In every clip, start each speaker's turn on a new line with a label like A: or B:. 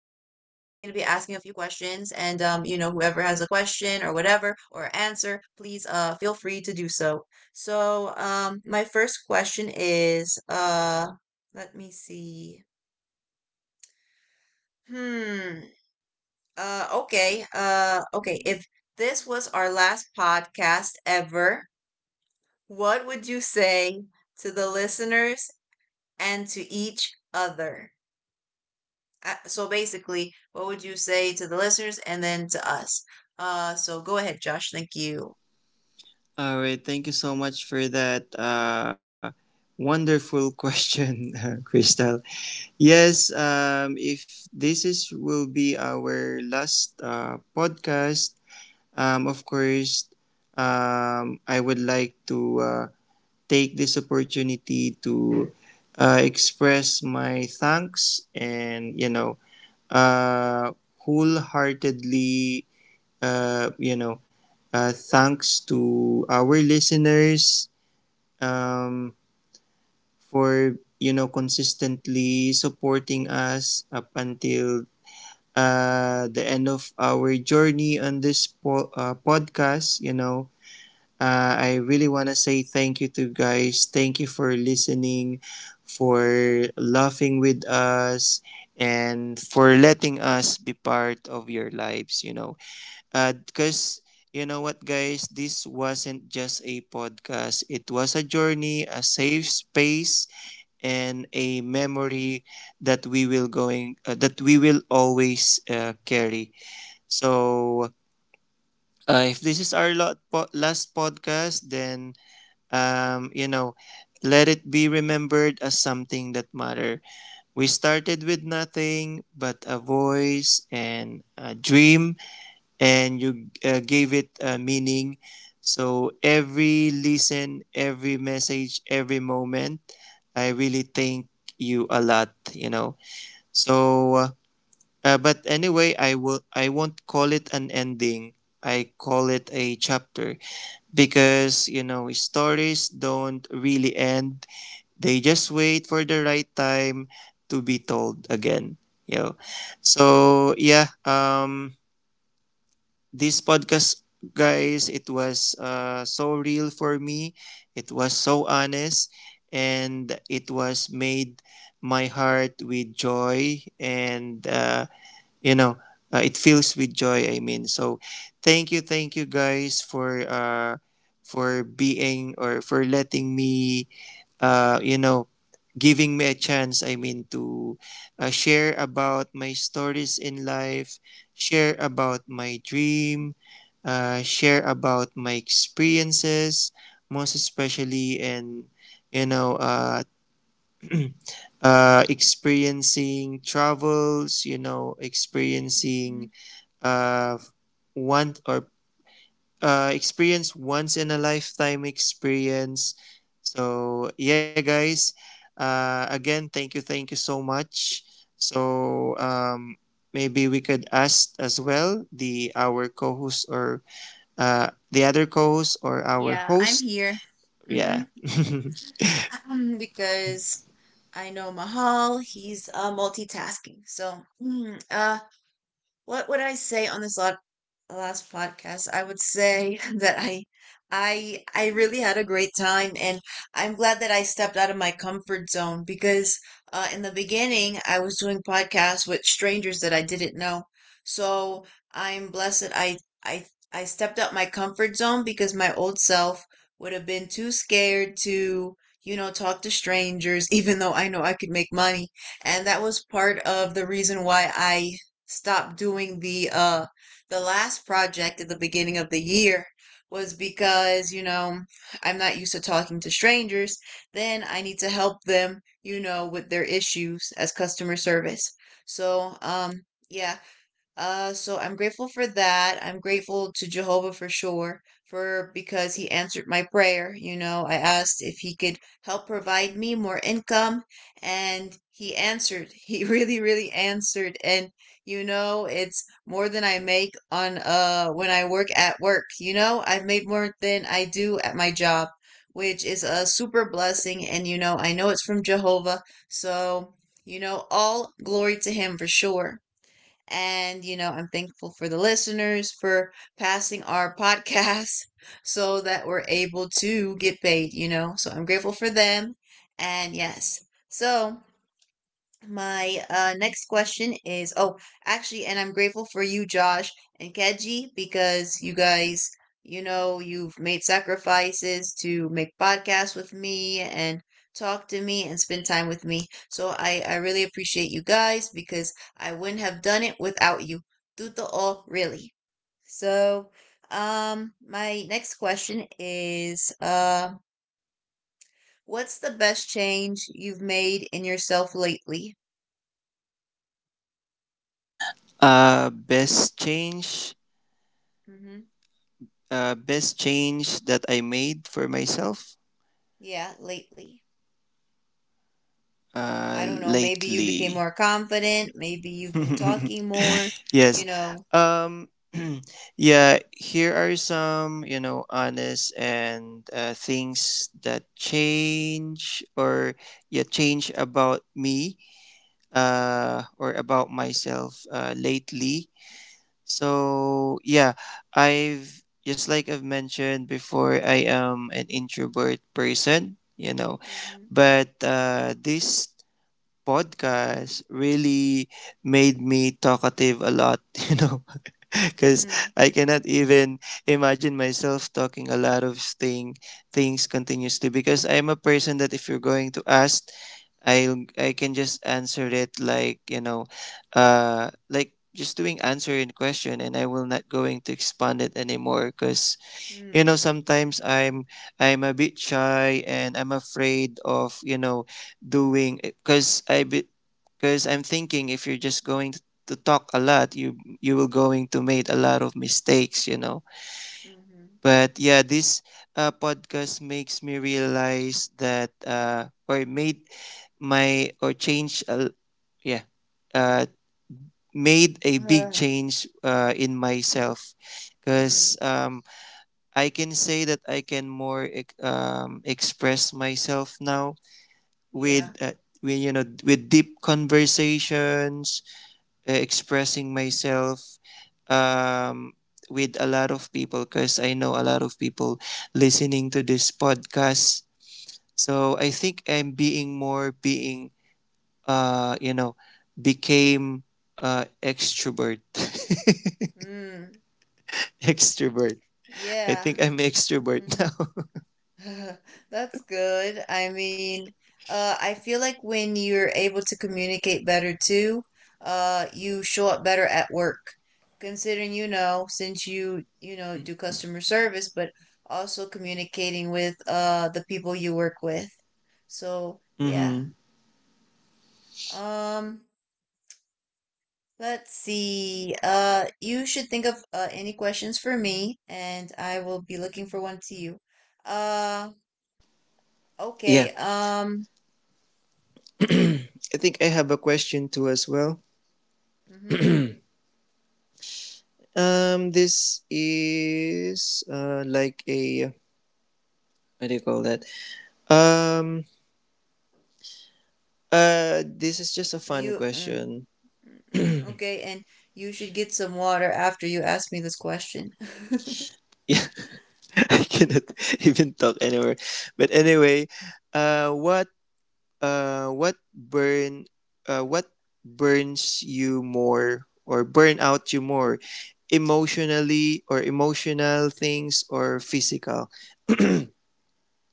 A: questions. Whoever has a question or whatever or answer, please feel free to do so. So my first question is, let me see. Hmm. Okay. Okay. If this was our last podcast ever, what would you say to the listeners and to each other? So basically, what would you say to the listeners and then to us? So go ahead, Josh. Thank you.
B: All right, thank you so much for that wonderful question, Crystal. Yes, if this is will be our last podcast, of course, I would like to take this opportunity to express my thanks and uh, wholeheartedly, uh, you know thanks to our listeners, um, for consistently supporting us up until the end of our journey on this podcast. You know, I really want to say thank you to you guys. Thank you for listening, for laughing with us, and for letting us be part of your lives. You know, because you know what, guys, this wasn't just a podcast. It was a journey, a safe space and a memory that we will going that we will always carry. So if this is our last podcast, then um you know let it be remembered as something that matter. We started with nothing but a voice and a dream, and you gave it a meaning. So every listen, every message, every moment, I really thank you a lot, So but anyway, I won't call it an ending. I call it a chapter because you know stories don't really end. They just wait for the right time to be told again. You know. So yeah. This podcast, guys, it was so real for me. It was so honest. And it was made my heart with joy. And, you know, it fills with joy, I mean. So thank you, guys, for being or for letting me, uh, you know, giving me a chance, I mean, to share about my stories in life, share about my dream, share about my experiences, most especially in, you know, uh, experiencing travels, you know,
A: Mm.
B: experiencing uh, want or experience once in a lifetime experience. So yeah, guys. Again, thank you so much. So maybe we could ask as well the our co-host, or the other co-host, or our
A: Yeah, I'm
B: host.
A: here. Mm-hmm.
B: Yeah.
A: Because I know Mahal, he's multitasking. So, what would I say on last podcast? I would say that I really had a great time, and I'm glad that I stepped out of my comfort zone because in the beginning I was doing podcasts with strangers that I didn't know. So I'm blessed that I I stepped out my comfort zone, because my old self would have been too scared to talk to strangers even though I know I could make money, and that was part of the reason why I stopped doing the last project at the beginning of the year. Was because I'm not used to talking to strangers, then I need to help them with their issues as customer service. So um yeah uh, so I'm grateful for that. I'm grateful to Jehovah for sure, for because he answered my prayer. You know, I asked if he could help provide me more income, and he answered. He really, really answered. And you know, it's more than I make on when I work at work. You know, I've made more than I do at my job, which is a super blessing. And you know, I know it's from Jehovah. So, you know, all glory to him for sure. And, you know, I'm thankful for the listeners for passing our podcast so that we're able to get paid. So I'm grateful for them. And yes, so my next question is, oh, actually, and I'm grateful for you, Josh and Keji, because you guys, you've made sacrifices to make podcasts with me and talk to me and spend time with me. So I really appreciate you guys, because I wouldn't have done it without you. Tuto o, really. So, my next question is, what's the best change you've made in yourself lately?
B: Best change.
A: Mm-hmm.
B: Best change that I made for myself
A: Yeah, lately. I don't know. Maybe you became
B: lately.
A: more confident. Maybe you've been talking more,
B: Yes.
A: you know.
B: Um yeah, here are some, you know, honest and things that change, or yeah, change about me or about myself lately. So, yeah, I've just like I've mentioned before, I am an introvert person, you know.
A: Mm-hmm.
B: But this podcast really made me talkative a lot, you know. Because
A: Mm,
B: I cannot even imagine myself talking a lot of things continuously because I'm a person that if you're going to ask, I I can just answer it like, you know, like just doing answer in question, and I will not going to expand it anymore because you
A: mm,
B: know sometimes I'm a bit shy and I'm afraid of, you know, doing because I'm thinking if you're just going to talk a lot, you will going to make a lot of mistakes, you know.
A: mm-hmm.
B: But yeah, this podcast makes me realize that or made my or change a yeah uh made a big
A: Uh,
B: change in myself
A: mm,
B: because I can say that I can more express myself now with,
A: yeah.
B: with deep conversations, expressing myself um, with a lot of people, because I know a lot of people listening to this podcast. So I think I'm being more being you know became extrovert.
A: Mm,
B: Extrovert. I
A: yeah.
B: think I'm extrovert now.
A: Mm-hmm. That's good. I mean, I feel like when you're able to communicate better too, you show up better at work. Considering, since you do customer service, but also communicating with the people you work with. So, yeah.
B: Hmm.
A: Um, let's see. You should think of any questions for me, and I will be looking for one to you. Uh,
B: Yeah.
A: okay. Okay.
B: I think I have a question too as well.
A: Mm-hmm.
B: This is like a, what do you call that? Um, this is just a fun
A: You mm,
B: question.
A: mm, mm, Okay, and you should get some water after you ask me this question.
B: Yeah, I cannot even talk anymore. But anyway, uh, what uh, what burn what burns you more, or burn out you more, emotionally or emotional things or physical?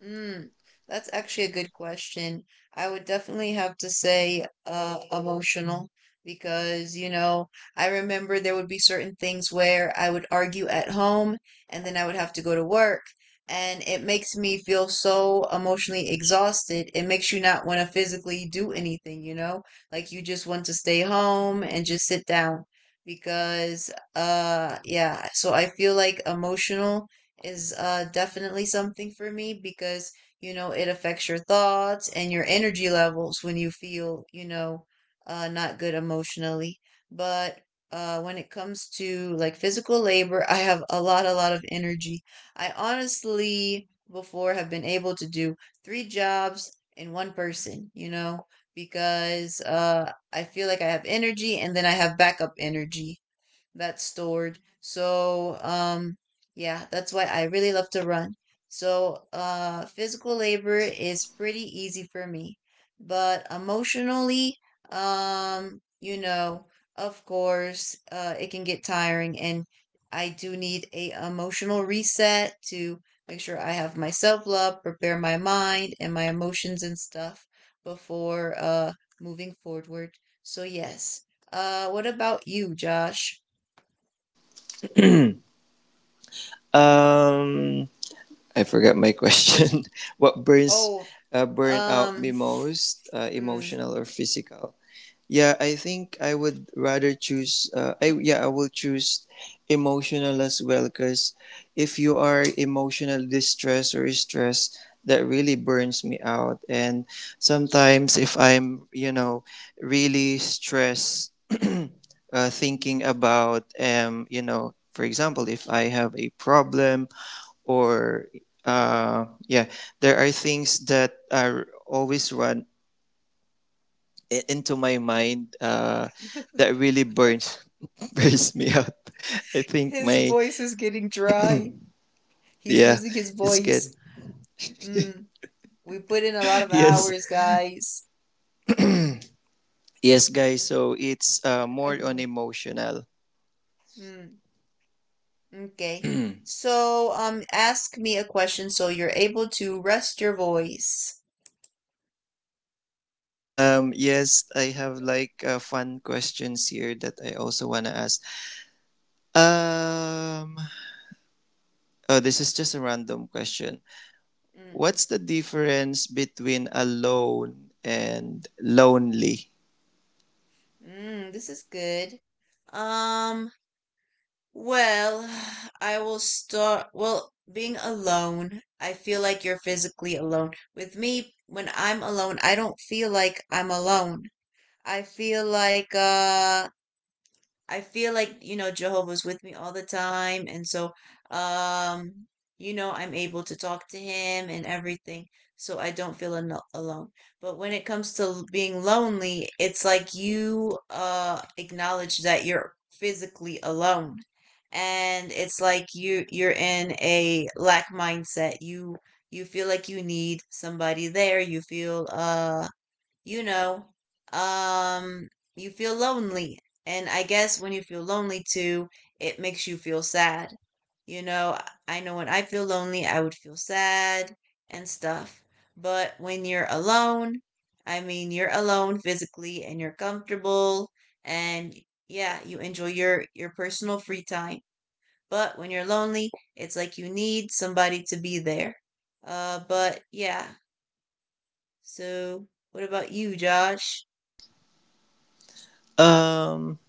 A: Mm, that's actually a good question. I would definitely have to say emotional, because, you know, I remember there would be certain things where I would argue at home and then I would have to go to work. And it makes me feel so emotionally exhausted. It makes you not want to physically do anything, you know? Like you just want to stay home and just sit down because yeah, so I feel like emotional is, definitely something for me because, you know, it affects your thoughts and your energy levels when you feel, not good emotionally. But when it comes to like physical labor, I have a lot of energy. I honestly, before, have been able to do three jobs in one person, you know, because I feel like I have energy and then I have backup energy that's stored. So yeah, that's why I really love to run. So physical labor is pretty easy for me, but emotionally, you know, of course, it can get tiring, and I do need a emotional reset to make sure I have my self love, prepare my mind and my emotions and stuff before moving forward. So yes. What about you, Josh?
B: um I forgot my question. What
A: Oh,
B: burn out me
A: um,
B: most,
A: mm.
B: emotional or physical? Yeah, I think I would rather choose. I yeah, I will choose emotional as well because if you are emotional distress or stress, that really burns me out. And sometimes if I'm, you know, really stressed, thinking about, you know, for example, if I have a problem, or yeah, there are things that are always run into my mind, that really burns burns me out. I think
A: His
B: my,
A: voice is getting dry. He's
B: yeah,
A: losing his
B: it's
A: voice.
B: good.
A: Mm. We put in a lot of
B: Yes,
A: hours, guys.
B: yes, guys. So it's more on emotional.
A: mm. Okay. So, ask me a question so you're able to rest your voice.
B: Yes, I have like fun questions here that I also wanna ask. Um, oh, this is just a random question.
A: Mm.
B: What's the difference between alone and lonely?
A: This is good. Um, Well, I will start. Well, being alone, I feel like you're physically alone. With me, when I'm alone, I don't feel like I'm alone. I feel like uh I feel like, you know, Jehovah's with me all the time. And so, um, you know, I'm able to talk to him and everything. So I don't feel alone. But when it comes to being lonely, it's like you acknowledge that you're physically alone. And it's like you're in a lack mindset. You feel like you need somebody there. You know, um, you feel lonely. And I guess when you feel lonely too, it makes you feel sad. You know, I know when I feel lonely, I would feel sad and stuff. But when you're alone, I mean, you're alone physically and you're comfortable, and yeah, you enjoy your personal free time. But when you're lonely, it's like you need somebody to be there. But yeah. So, what about you, Josh?
B: Um,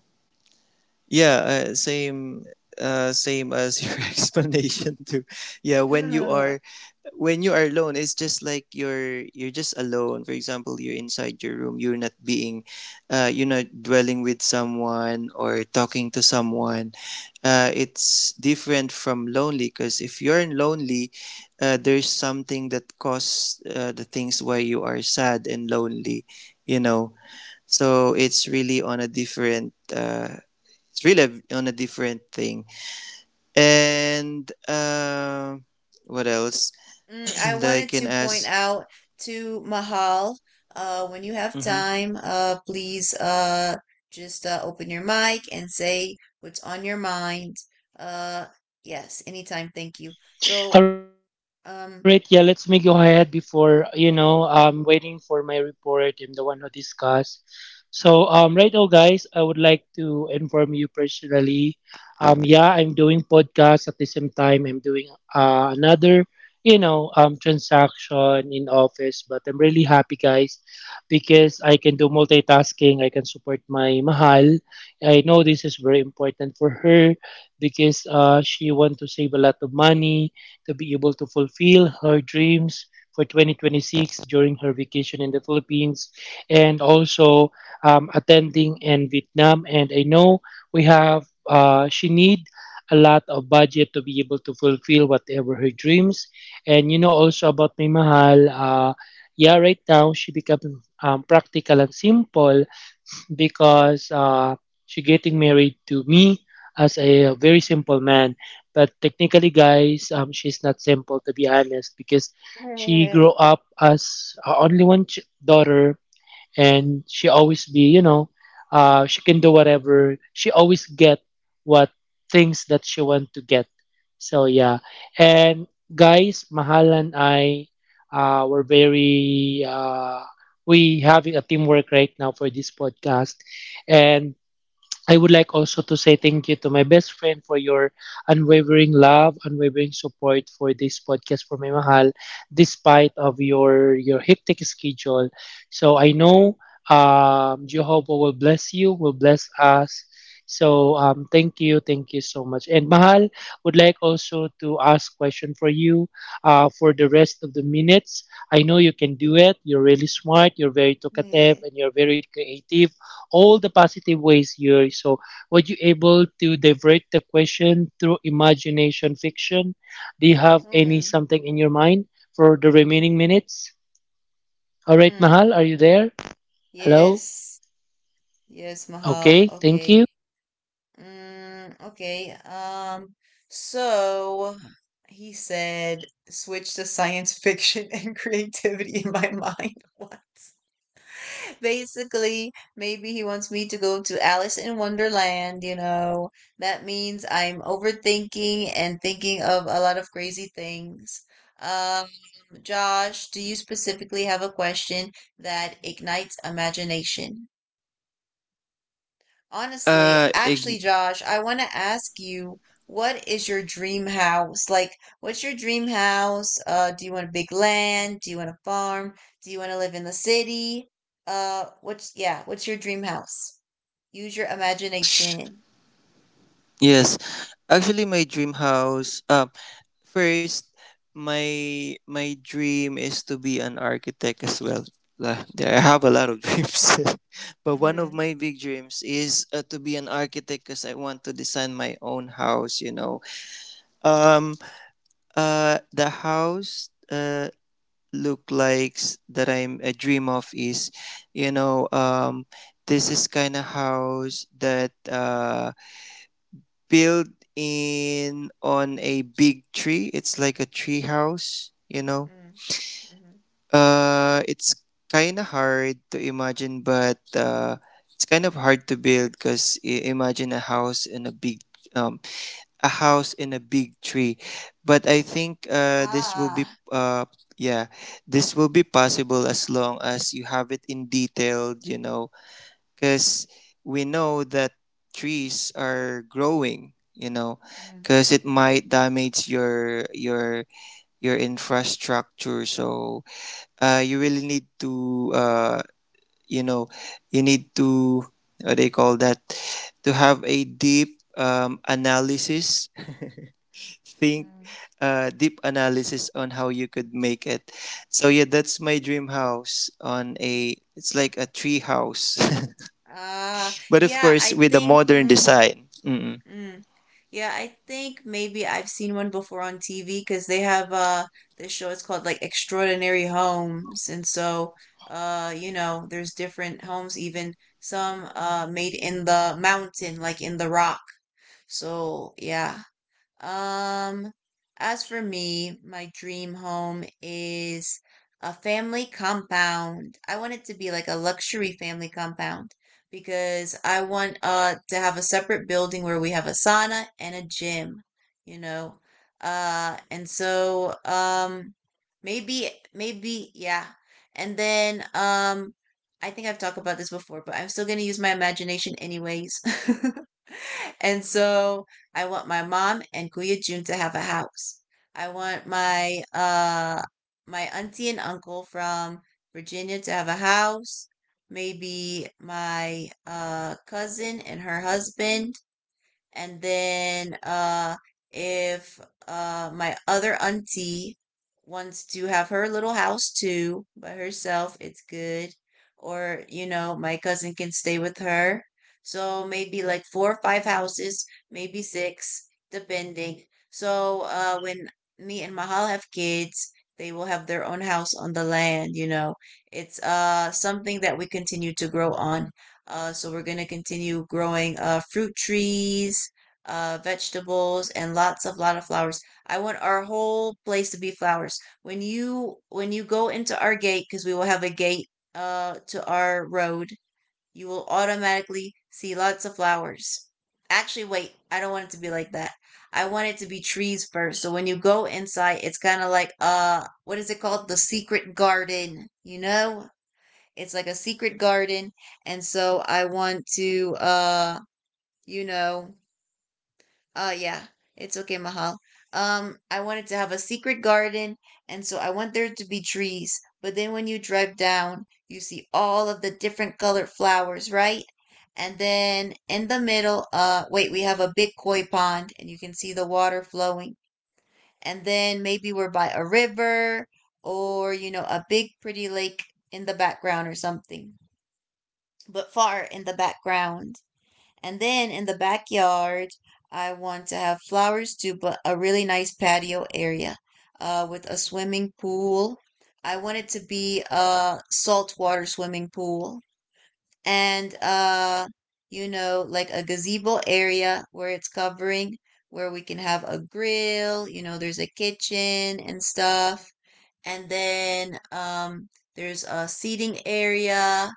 B: yeah, same as your explanation too. Yeah, when you are alone, it's just like you're just alone. For example, you're inside your room, you're not being, you're not dwelling with someone or talking to someone. It's different from lonely, because if you're lonely, there's something that causes the things why you are sad and lonely, you know. So it's really on a different it's really on a different thing, and what else,
A: I
B: that I
A: wanted
B: can
A: to point
B: ask.
A: out to Mahal, when you have
B: Mm-hmm.
A: time, please just open your mic and say what's on your mind. Uh, yes, anytime. Thank you. So,
C: All
A: um,
C: right, yeah, let's me go ahead before, you know, I'm waiting for my report. I'm the one who discuss. So, right now, guys, I would like to inform you personally. Yeah, I'm doing podcast at the same time. I'm doing another, transaction in office. But I'm really happy, guys, because I can do multitasking. I can support my mahal. I know this is very important for her because she want to save a lot of money to be able to fulfill her dreams for 2026 during her vacation in the Philippines and also attending in Vietnam. And I know we have, she need a lot of budget to be able to fulfill whatever her dreams. And you know also about May Mahal, yeah, right now she become practical and simple because she getting married to me as a very simple man. But technically, guys, she's not simple to be honest because she
A: mm,
C: grew up as only one daughter, and she always be, you know, she can do whatever, she always get what things that she want to get. So yeah, and guys, mahal and I were very we having a teamwork right now for this podcast. And I would like also to say thank you to my best friend for your unwavering love, unwavering support for this podcast, for my mahal, despite of your hectic schedule. So I know, Jehovah will bless you, will bless us. So thank you so much. And mahal would like also to ask question for you for the rest of the minutes. I know you can do it. You're really smart. You're very talkative, and you're very creative, all the positive ways here. So, were you able to divert the question through imagination fiction? Do you have any
A: mm,
C: something in your mind for the remaining minutes? All right, Mahal, are you there? Hello?
A: yes, yes,
C: Okay,
A: Mahal.
C: thank you.
A: Okay. Okay. So he said, switch to science fiction and creativity in my mind. What? Basically, maybe he wants me to go to Alice in Wonderland. That means I'm overthinking and thinking of a lot of crazy things. Um, Josh, do you specifically have a question that ignites imagination? Honestly,
B: Uh, ig-
A: actually, Josh, I want to ask you, what is your dream house? Like, what's your dream house? Do you want a big land? Do you want a farm? Do you want to live in the city? What's your dream house? Use your imagination.
B: yes. Actually, my dream house. First, my my dream is to be an architect as well. Lah, I have a lot of dreams, but one of
A: Mm-hmm,
B: my big dreams is to be an architect, because I want to design my own house. You know, um, the house look likes that I'm a dream of is, you know, um, this is kind of house that built in on a big tree. It's like a tree house, you know.
A: mm, mm-hmm.
B: It's kind of hard to imagine, but it's kind of hard to build, because imagine a house in a big, um, a house in a big tree. But I think this will be
A: Ah,
B: yeah, this will be possible, as long as you have it in detailed, you know, because we know that trees are growing, you know,
A: mm,
B: because it might damage your your infrastructure. So you really need to, you know you need to, what do you call that, to have a deep analysis, think
A: mm.
B: deep analysis on how you could make it. So yeah, that's my dream house, on a, it's like a tree house.
A: Ah,
B: But of
A: yeah,
B: course,
A: I
B: with a
A: think.
B: modern design. Mm.
A: Mm. Yeah, I think maybe I've seen one before on TV, because they have this show. It's called like Extraordinary Homes, and so there's different homes, even some made in the mountain, like in the rock. So yeah, um, as for me, my dream home is a family compound. I want it to be like a luxury family compound, because I want to have a separate building where we have a sauna and a gym, you know. And so maybe yeah. And then I think I've talked about this before, but I'm still going to use my imagination anyways. And so I want my mom and Kuya Jun to have a house. I want my auntie and uncle from Virginia to have a house. Maybe my cousin and her husband. And then if my other auntie wants to have her little house too by herself, it's good. Or, you know, my cousin can stay with her. So maybe like four or five houses, maybe six, depending. So when me and Mahal have kids, they will have their own house on the land, you know. It's something that we continue to grow on. So we're going to continue growing fruit trees, vegetables, and lots of lot of flowers. I want our whole place to be flowers. When you go into our gate, because we will have a gate to our road, you will automatically see lots of flowers. Actually, wait, I don't want it to be like that. I want it to be trees first. So when you go inside, it's kind of like, what is it called? The secret garden, you know? It's like a secret garden. And so I want to, you know, yeah, it's okay, Mahal. I wanted to have a secret garden. And so I want there to be trees. But then when you drive down, you see all of the different colored flowers, right? And then in the middle, we have a big koi pond and you can see the water flowing. And then maybe we're by a river or, you know, a big pretty lake in the background or something, but far in the background. And then in the backyard, I want to have flowers too, but a really nice patio area with a swimming pool. I want it to be a saltwater swimming pool, and you know, like a gazebo area where it's covering, where we can have a grill. You know, there's a kitchen and stuff. And then There's a seating area.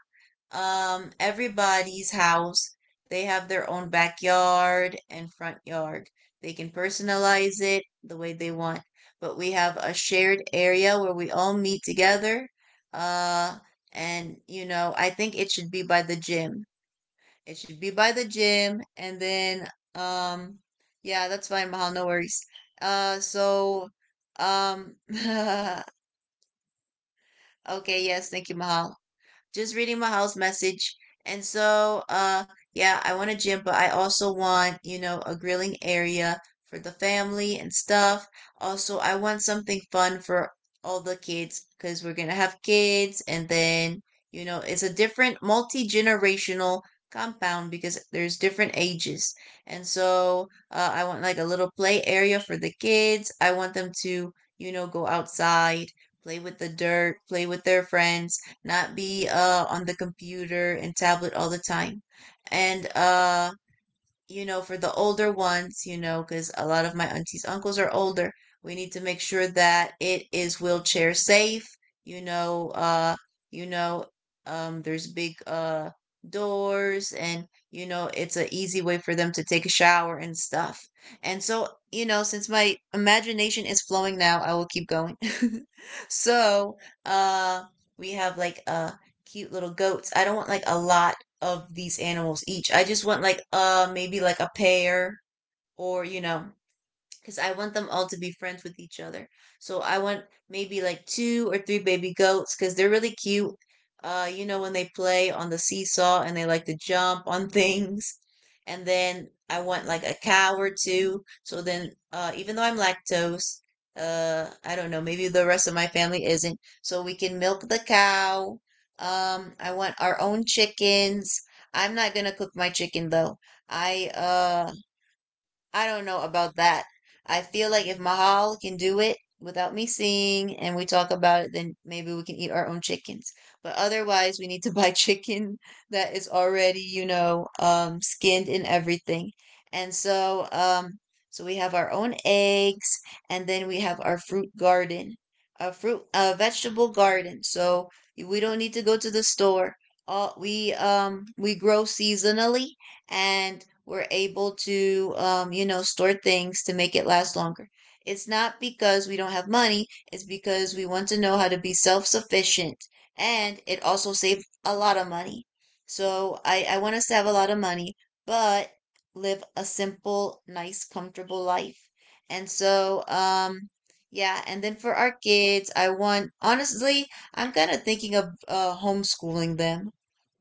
A: Everybody's house, they have their own backyard and front yard. They can personalize it the way they want, but we have a shared area where we all meet together. Uh, and you know, I think it should be by the gym. It should be by the gym, and then um, yeah, that's fine, Mahal. No worries. Uh, so um, okay, yes, thank you, Mahal, just reading Mahal's message. And so, yeah, I want a gym, but I also want, you know, a grilling area for the family and stuff. Also, I want something fun for all the kids because we're gonna have kids, and then, you know, it's a different multi-generational compound because there's different ages. And so, I want like a little play area for the kids. I want them to, you know, go outside, play with the dirt, play with their friends, not be on the computer and tablet all the time. And You know, for the older ones, you know, because a lot of my aunties, uncles are older, we need to make sure that it is wheelchair safe. You know, uh, you know, there's big doors, and you know, it's an easy way for them to take a shower and stuff. And so, you know, since my imagination is flowing now, I will keep going. So, uh, we have like cute little goats. I don't want like a lot of these animals each. I just want like maybe like a pair, or you know, because I want them all to be friends with each other. So I want maybe like two or three baby goats because they're really cute. You know, when they play on the seesaw and they like to jump on things. And then I want like a cow or two. So then, even though I'm lactose, I don't know, maybe the rest of my family isn't. So we can milk the cow. I want our own chickens. I'm not gonna cook my chicken though. I uh I don't know about that. I feel like if Mahal can do it without me seeing and we talk about it, then maybe we can eat our own chickens. But otherwise, we need to buy chicken that is already, you know, skinned and everything. And so, we have our own eggs, and then we have our fruit garden, a fruit, a vegetable garden. So we don't need to go to the store. All we grow seasonally, and we're able to, you know, store things to make it last longer. It's not because we don't have money, it's because we want to know how to be self sufficient. And it also saves a lot of money. So I want us to have a lot of money, but live a simple, nice, comfortable life. And so, yeah, and then for our kids, I want, honestly, I'm kind of thinking of homeschooling them,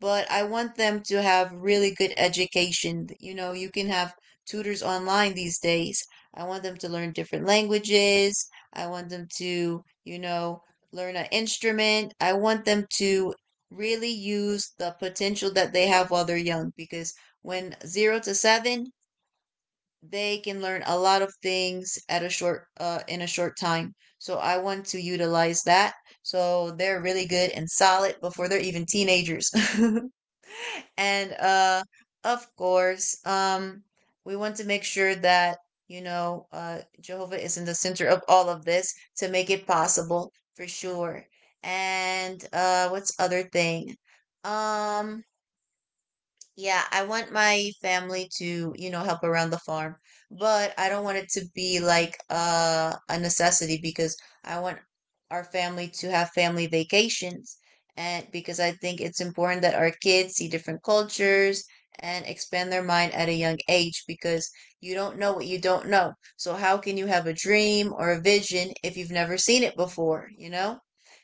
A: but I want them to have really good education. You know, you can have tutors online these days. I want them to learn different languages. I want them to, you know, learn an instrument. I want them to really use the potential that they have while they're young because when 0 to 7, they can learn a lot of things at a short in a short time. So I want to utilize that so they're really good and solid before they're even teenagers. and of course we want to make sure that you know Jehovah is in the center of all of this to make it possible for sure. And what's other thing? Um yeah, I want my family to, you know, help around the farm, but I don't want it to be like a necessity because I want our family to have family vacations. And because I think it's important that our kids see different cultures and expand their mind at a young age, because you don't know what you don't know. So, how can you have a dream or a vision if you've never seen it before, you know?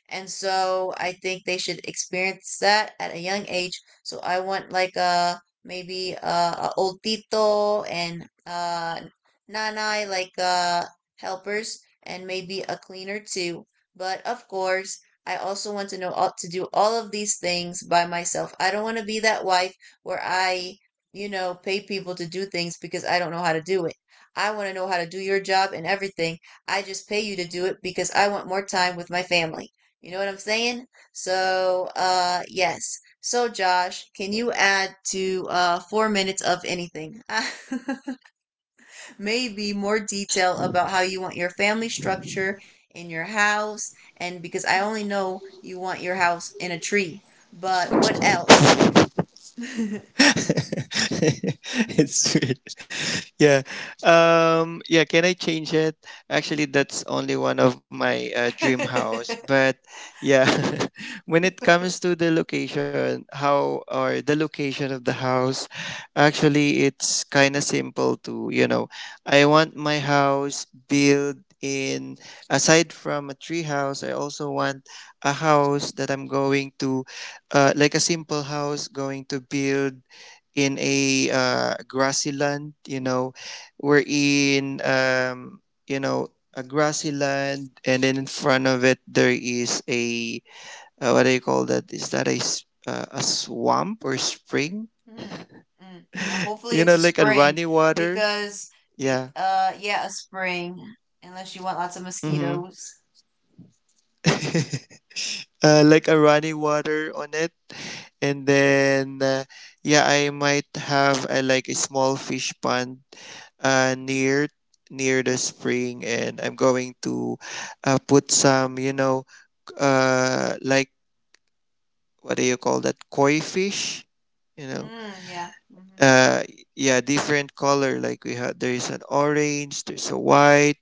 A: And so, I think they should experience that at a young age, so I want like a maybe a old tito and nanay, like helpers, and maybe a cleaner too. But of course, I also want to know to do all of these things by myself. I don't want to be that wife where you know, pay people to do things because I don't know how to do it. I want to know how to do your job and everything. I just pay you to do it because I want more time with my family. You know what I'm saying? So, yes. So, Josh, can you add to 4 minutes of anything? Maybe more detail about how you want your family structure in your house, and because I only know you want your house in a tree, but what else?
B: It's weird. Yeah. Yeah, can I change it? Actually, that's only one of my dream house, but yeah, when it comes to the location, how or the location of the house, actually it's kind of simple to, you know, I want my house built in, aside from a tree house, I also want a house that I'm going to like a simple house going to build in a grassy land, you know, we're in, you know, a grassy land, and then in front of it there is a, what do you call that? Is that a a swamp or spring?
A: Hmm. Mm. Now, hopefully,
B: You
A: it's
B: know,
A: a
B: like a
A: spring
B: runny water.
A: because,
B: Yeah.
A: yeah, a spring, unless you want lots of
B: Mm-hmm.
A: mosquitoes.
B: Like a running water on it, and then yeah, I might have a, like a small fish pond uh, near near the spring, and I'm going to put some, you know, like, what do you call that, koi fish, you know.
A: Mm, yeah. Mm-hmm,
B: uh yeah Different color, like we had, there's an orange, there's a white,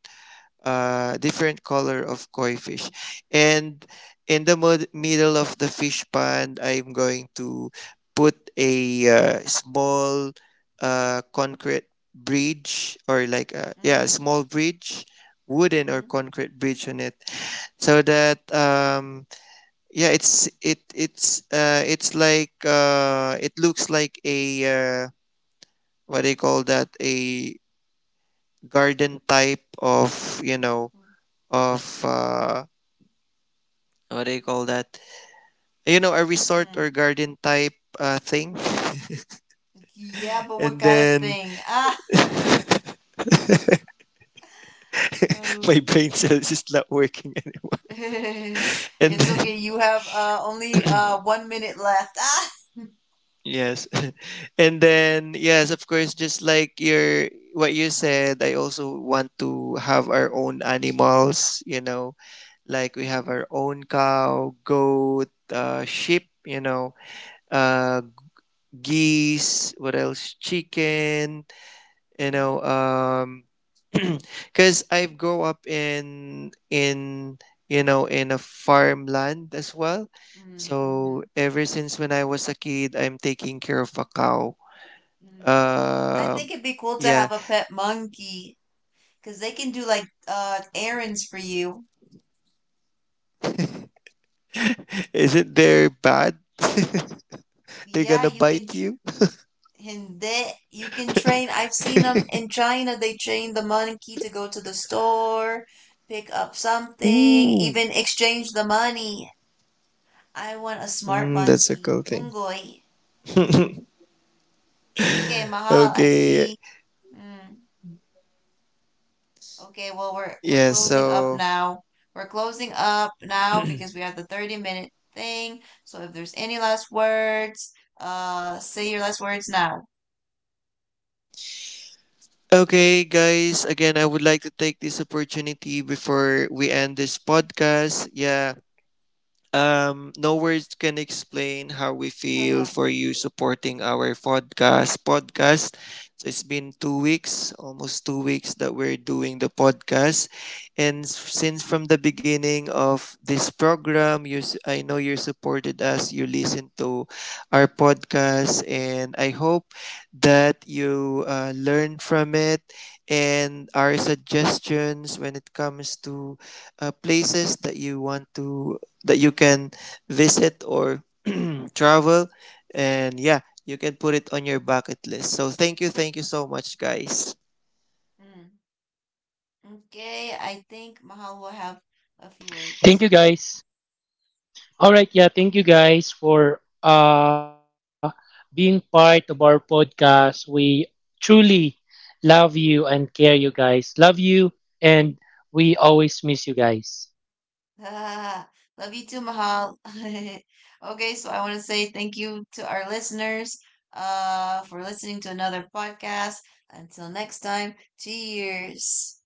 B: different color of koi fish. And in the middle of the fish pond, I'm going to put a small concrete bridge, or like a,
A: mm-hmm,
B: yeah, a
A: mm-hmm,
B: small bridge, wooden or
A: mm-hmm,
B: concrete bridge on it, so that yeah, it's like it looks like a, uh, what do you call that, a garden type of, you know, of what do you call that? You know, a resort
A: mm-hmm.
B: or garden type thing.
A: Yeah, but what
B: And
A: kind of
B: then
A: thing? Ah, oh.
B: my brain cells is not working anymore. And
A: It's
B: then
A: okay. You have only 1 minute left. Ah,
B: yes, and then yes, of course, just like your what you said, I also want to have our own animals. You know, like we have
A: mhm,
B: our own cow, goat, sheep. You know, uh, geese. What else? Chicken, you
A: mm,
B: know. Because I've grow up in, you know, in a farmland as well.
A: mm, mhm,
B: So ever since when I was a kid, I'm taking care of a cow.
A: mm. I think
B: um
A: it'd be cool to
B: yeah.
A: have a pet monkey because they can do like errands for you.
B: Is it they bad? They're
A: Yeah,
B: gonna
A: you can.
B: bite
A: Tr
B: you.
A: Hindi. You can train. I've seen them in China. They train the monkey to go to the store, pick up something,
B: Ooh.
A: even exchange the money. I want a smart
B: Mm, that's a
A: monkey.
B: cool thing.
A: Ungoy. Okay, Mahal. I
B: Okay.
A: see. Mm. Okay. Well, we're
B: Yeah,
A: closing up
B: so.
A: now. We're closing up now because we have the 30 minute thing. So if there's any last words, say your last words now.
B: Okay, guys, again, I would like to take this opportunity before we end this podcast. Yeah, no words can explain how we feel for you supporting our podcast. So it's been 2 weeks, almost 2 weeks that we're doing the podcast, and since from the beginning of this program, I know you supported us. You listened to our podcast, and I hope that you learn from it, and our suggestions when it comes to places that you want to that you can visit or travel. And yeah, you can put it on your bucket list. So thank you, thank you so much, guys.
A: Mm. Okay, I think
C: Thank you
A: Mahal will have
C: guys.
A: a few words.
C: All right, yeah, thank you guys for being part of our podcast. We truly love you and care you guys. Love you, and we always miss you guys.
A: Ah, love you too, Mahal. Okay, so I want to say thank you to our listeners for listening to another podcast. Until next time, cheers.